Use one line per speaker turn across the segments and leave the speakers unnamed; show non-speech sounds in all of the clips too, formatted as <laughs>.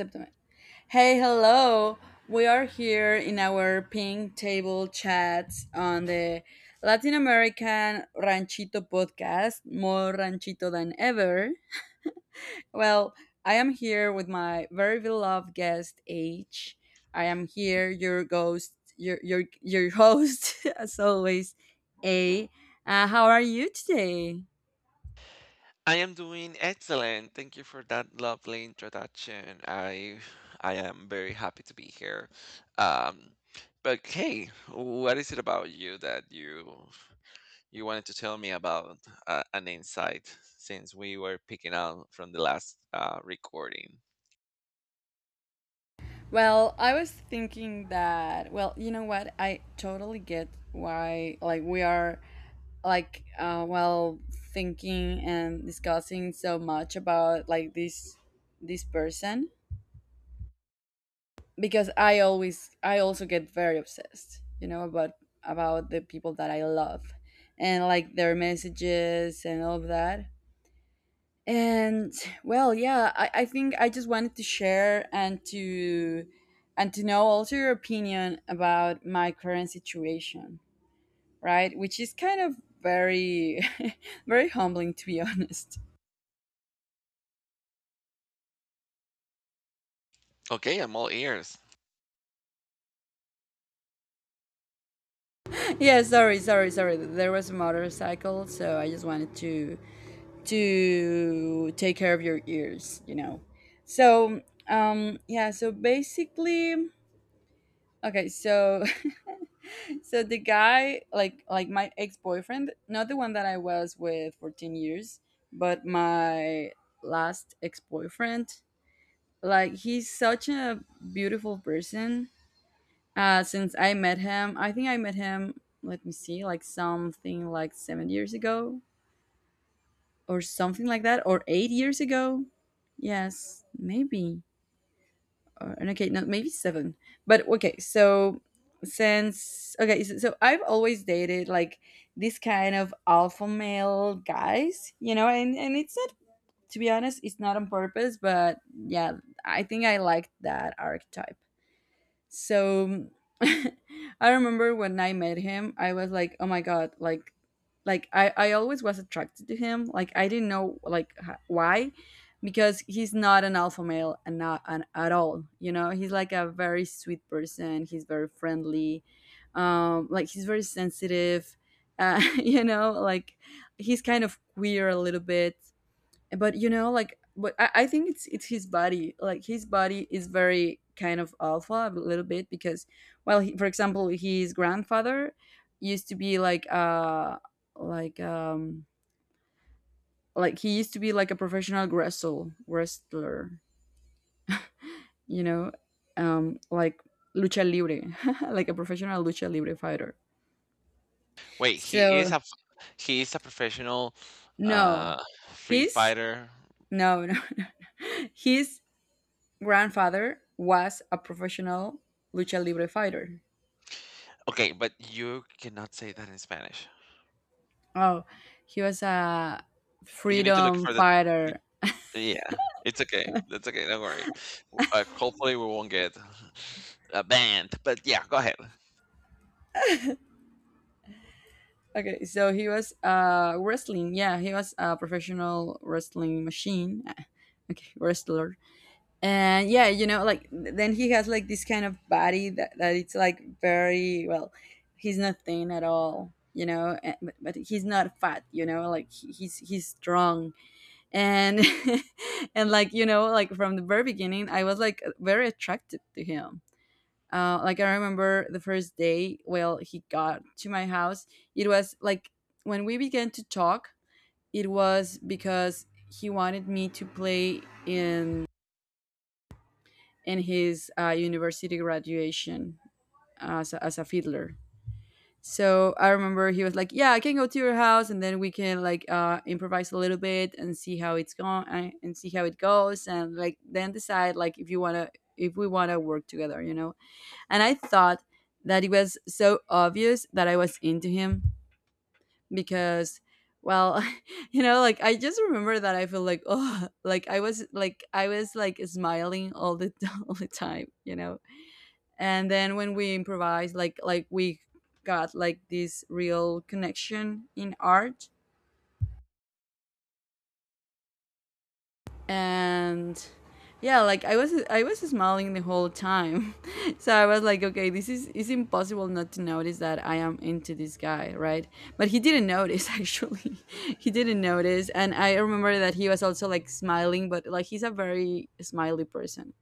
September. Hey, hello. We are here in our pink table chats on the Latin American Ranchito podcast, more ranchito than ever. Well, I am here with my very beloved guest H. I am here, your ghost, your host <laughs> as always, A. How are you today?
I am doing excellent. Thank you for that lovely introduction. I am very happy to be here. Um, but hey, what is it about you that you wanted to tell me about an insight since we were picking out from the last recording?
Well, I was thinking that, well, you know what? I totally get why, like, we are, like, well, thinking and discussing so much about, like, this person, because I always, I also get very obsessed, you know, about the people that I love and, like, their messages and all of that and well yeah I think I just wanted to share and to know also your opinion about my current situation, right, which is kind of very <laughs> very humbling, to be honest.
Okay, I'm all ears.
<laughs> Yeah, sorry, there was a motorcycle, so I just wanted to take care of your ears, you know. So um yeah so basically, okay, so <laughs> so the guy like my ex-boyfriend, not the one that I was with for 10 years, but my last ex-boyfriend, like he's such a beautiful person. Since I met him, I think I met him, let me see, like something like 7 years ago or something like that or 8 years ago. Yes, maybe. And okay, no, maybe seven. But okay, since okay, so I've always dated like this kind of alpha male guys, you know, and it's not, to be honest, it's not on purpose, but yeah, I think I like that archetype. So <laughs> I remember when I met him, I was like, oh my god, like I always was attracted to him. Like I didn't know like why because he's not an alpha male and not an, at all. You know, he's like a very sweet person. He's very friendly. Like he's very sensitive. <laughs> You know, like he's kind of queer a little bit but you know like but I think it's his body like his body is very kind of alpha a little bit because well he, for example, his grandfather used to be like like um he used to be like a professional wrestler, you know. um like lucha libre, <laughs> like a professional lucha libre fighter.
Wait,
So
he is a professional
no
uh, free
his
fighter.
no no, <laughs> No, his grandfather was a professional lucha libre fighter.
Okay, but you cannot say that in Spanish.
Oh, he was a
You need to look
freedom
for the—
fighter.
Yeah, it's okay. That's okay. Don't worry. Hopefully, we won't get <sighs> banned. But yeah, go ahead.
Okay, so he was wrestling. Yeah, he was a professional wrestling machine. <laughs> Okay, wrestler. And yeah, you know, like then he has like this kind of body that, that it's like very well. He's not thin at all, you know, and, but he's not fat, you know. Like he's strong. And <laughs> and like you know like from the very beginning I was like very attracted to him. Like I remember the first day well he got to my house, it was like when we began to talk, it was because he wanted me to play in in his university graduation as a fiddler. So I remember he was like, "Yeah, I can go to your house, and then we can like improvise a little bit and see how it's going and see how it goes, and like then decide like if you wanna if we wanna work together, you know." And I thought that it was so obvious that I was into him because, well, <laughs> you know, like I just remember that I feel like <laughs> oh, like I was smiling all the <laughs> all the time, you know. And then when we improvise like we got like this real connection in art. And yeah like I was smiling the whole time. <laughs> So I was like, okay, this is, it's impossible not to notice that I am into this guy, right? But he didn't notice actually. <laughs> He didn't notice, and I remember that he was also like smiling but like he's a very smiley person,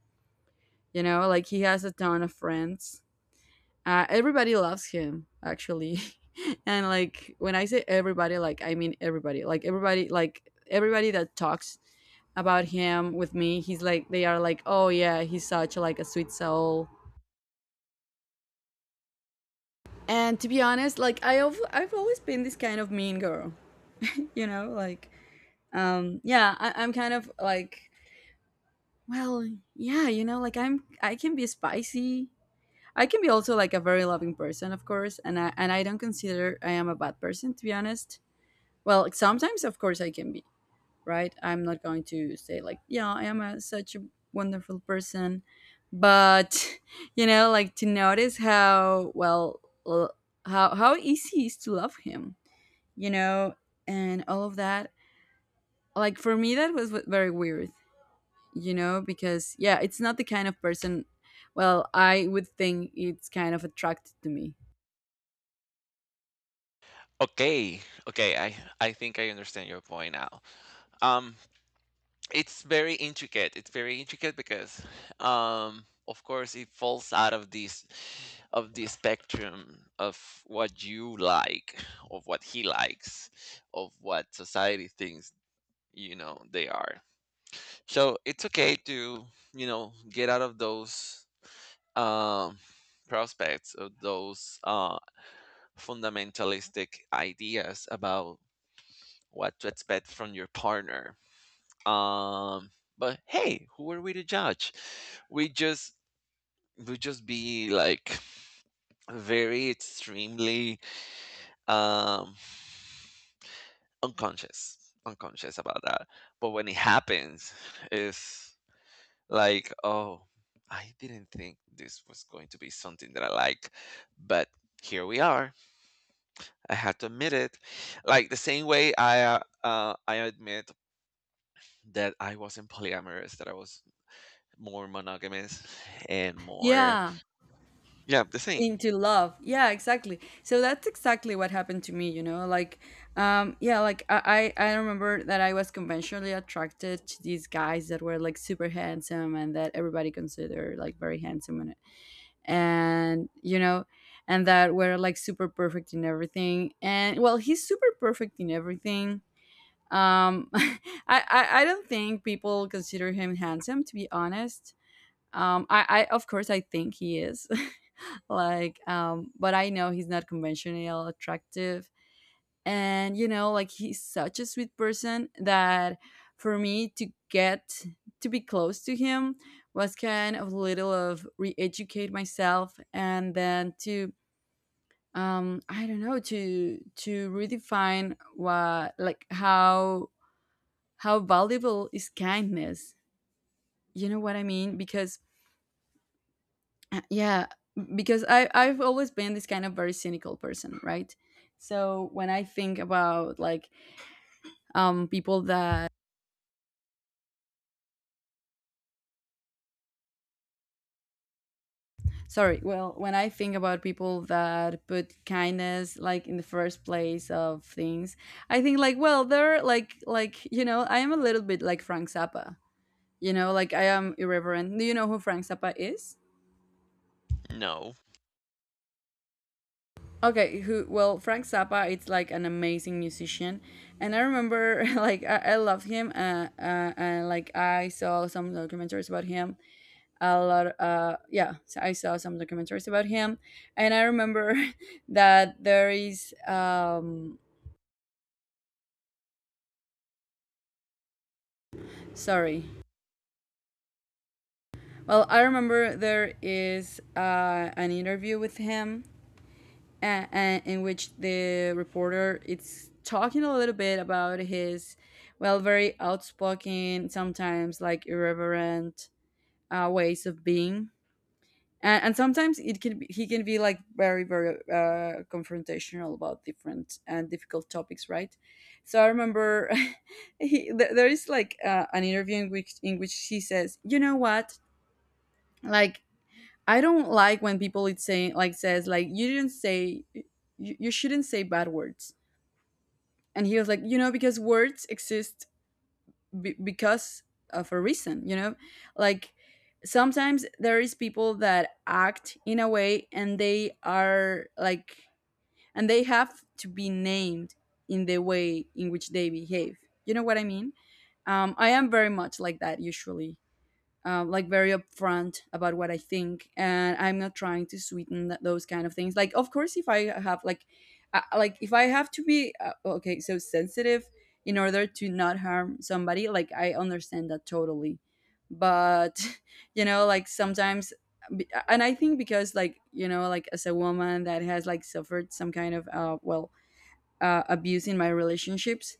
you know, like he has a ton of friends. Everybody loves him actually, <laughs> and like when I say everybody, like I mean everybody, like everybody, like everybody that talks about him with me, he's like they are like, oh yeah, he's such like a sweet soul. And to be honest, like I've always been this kind of mean girl, you know, like yeah, I'm kind of like well yeah, you know, like I'm I can be spicy. I can be also like a very loving person, of course, and I don't consider I am a bad person, to be honest. Well, like, sometimes, of course, I can be, right? I'm not going to say, like, yeah, I am a, such a wonderful person. But, <laughs> you know, like to notice how, well, l- how easy it is to love him, you know, and all of that. Like, for me, that was very weird, you know, because, yeah, it's not the kind of person, well, I would think it's kind of attracted to me.
Okay, okay. I think I understand your point now. Um, it's very intricate. It's very intricate because, of course, it falls out of this— of the spectrum of what you like, of what he likes, of what society thinks. You know they are. So it's okay to, you know, get out of those, um, prospects of those, fundamentalistic ideas about what to expect from your partner. Um, but hey, who are we to judge? We just we just be like very extremely, um, unconscious, unconscious about that. But when it happens, it's like, oh. I didn't think this was going to be something that I like, but here we are. I had to admit it. Like the same way I admit that I wasn't polyamorous, that I was more monogamous and more,
Yeah.
yeah, the same.
Into love, yeah, exactly, so that's exactly what happened to me, you know, like yeah like I remember that I was conventionally attracted to these guys that were like super handsome and that everybody considered like very handsome, and you know, and that were like super perfect in everything. And well he's super perfect in everything. um <laughs> I, I don't think people consider him handsome, to be honest. I of course I think he is. <laughs> But I know he's not conventional attractive. And you know like he's such a sweet person that for me to get to be close to him was kind of little of re-educate myself and then to I don't know to redefine what like how valuable is kindness, you know what I mean? Because yeah, because I've always been this kind of very cynical person, right? So when I think about like people that, sorry, well, when I think about people that put kindness like in the first place of things, I think like well they're like you know I am a little bit like Frank Zappa, you know, like I am irreverent. Do you know who Frank Zappa is?
No.
Okay, who? Well, Frank Zappa. It's like an amazing musician, and I remember <laughs> like I love him. And like I saw some documentaries about him. A lot. Yeah, so I saw some documentaries about him, and I remember <laughs> that there is. Sorry. Well, I remember there is an interview with him in which the reporter is talking a little bit about his well very outspoken sometimes like irreverent ways of being, and sometimes it can be, he can be like very very confrontational about different and difficult topics, right? So I remember <laughs> there is like an interview in which she says, you know what, like, I don't like when people it's saying like says like you didn't say you shouldn't say bad words. And he was like, you know, because words exist because of a reason, you know? Like sometimes there is people that act in a way and they are like and they have to be named in the way in which they behave. You know what I mean? I am very much like that usually, like very upfront about what I think, and I'm not trying to sweeten those kind of things. Like, of course, if I have like, if I have to be okay, so sensitive in order to not harm somebody, like I understand that totally. But <laughs> you know, like sometimes, and I think because like you know, like as a woman that has like suffered some kind of abuse in my relationships,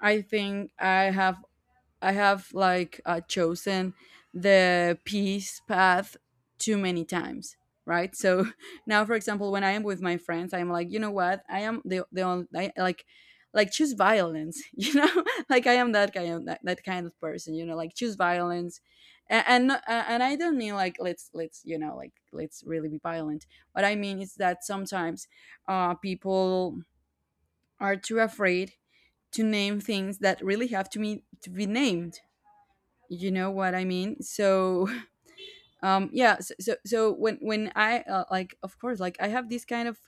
I think I have like chosen the peace path too many times, right? So <laughs> now, for example, when I am with my friends, I'm like, you know what? I am the only I, like choose violence, <laughs> you know? <laughs> Like I am that kind of that kind of person, you know? Like choose violence, and I don't mean like let's you know like let's really be violent. What I mean is that sometimes people are too afraid to name things that really have to be named, you know what I mean? So <laughs> yeah so so when I like of course like I have this kind of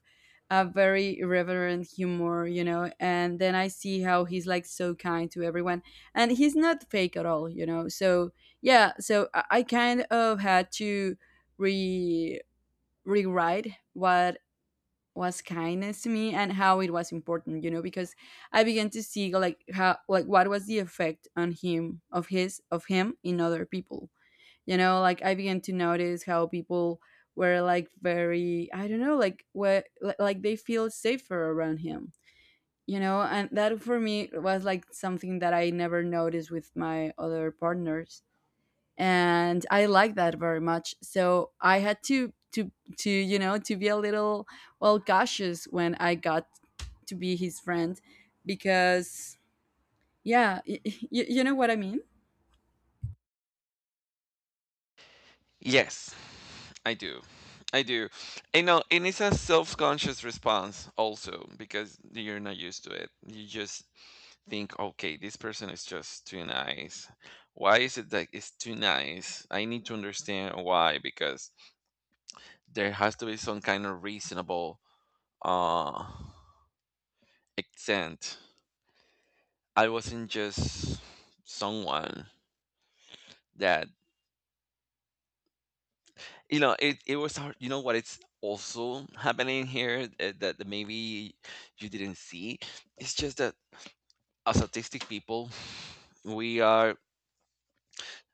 a very irreverent humor, you know, and then I see how he's like so kind to everyone, and he's not fake at all, you know. So yeah so I kind of had to re rewrite what was kindness to me and how it was important, you know, because I began to see like how like what was the effect on him of his of him in other people, you know. Like I began to notice how people were like very I don't know like like they feel safer around him, you know, and that for me was like something that I never noticed with my other partners. And I like that very much, so I had to to you know to be a little well cautious when I got to be his friend because yeah you know what I mean.
Yes. I do. I do. And know, and it's a self-conscious response also because you're not used to it. You just think, okay, this person is just too nice. Why is it that it's too nice? I need to understand why, because there has to be some kind of reasonable uh extent. I wasn't just someone that, you know, it was hard. You know what it's also happening here? That, that maybe you didn't see, it's just that as autistic people we are,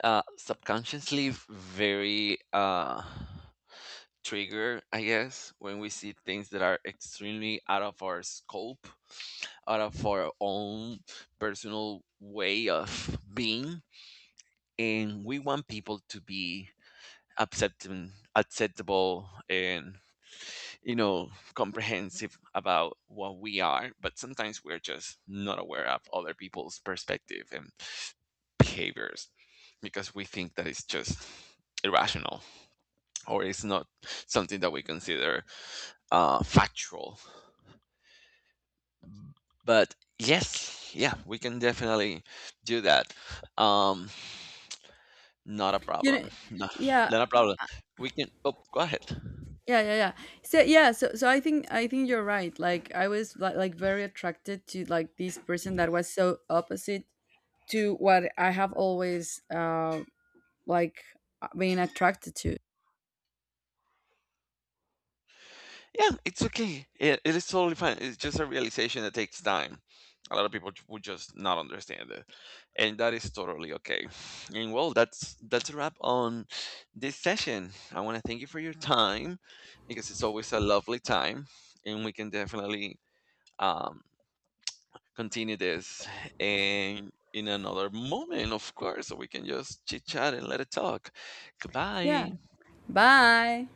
subconsciously very, triggered, I guess, when we see things that are extremely out of our scope, out of our own personal way of being. And we want people to be accepting, acceptable, and, you know, comprehensive about what we are, but sometimes we're just not aware of other people's perspective and behaviors, because we think that it's just irrational, or it's not something that we consider factual. But yes, yeah, we can definitely do that. Um, not a
You know.
problem. No,
Yeah.
not a problem. We can— oh, go ahead.
Yeah, so yeah so so I think you're right, like I was like very attracted to like this person that was so opposite to what I have always like been attracted to.
Yeah, it's okay. It is totally fine. It's just a realization that takes time. A lot of people ju- would just not understand it, and that is totally okay. And well, that's a wrap on this session. I want to thank you for your time because it's always a lovely time, and we can definitely, um, continue this and in another moment, of course, so we can just chit chat and let it talk.
Yeah,
Goodbye.
bye.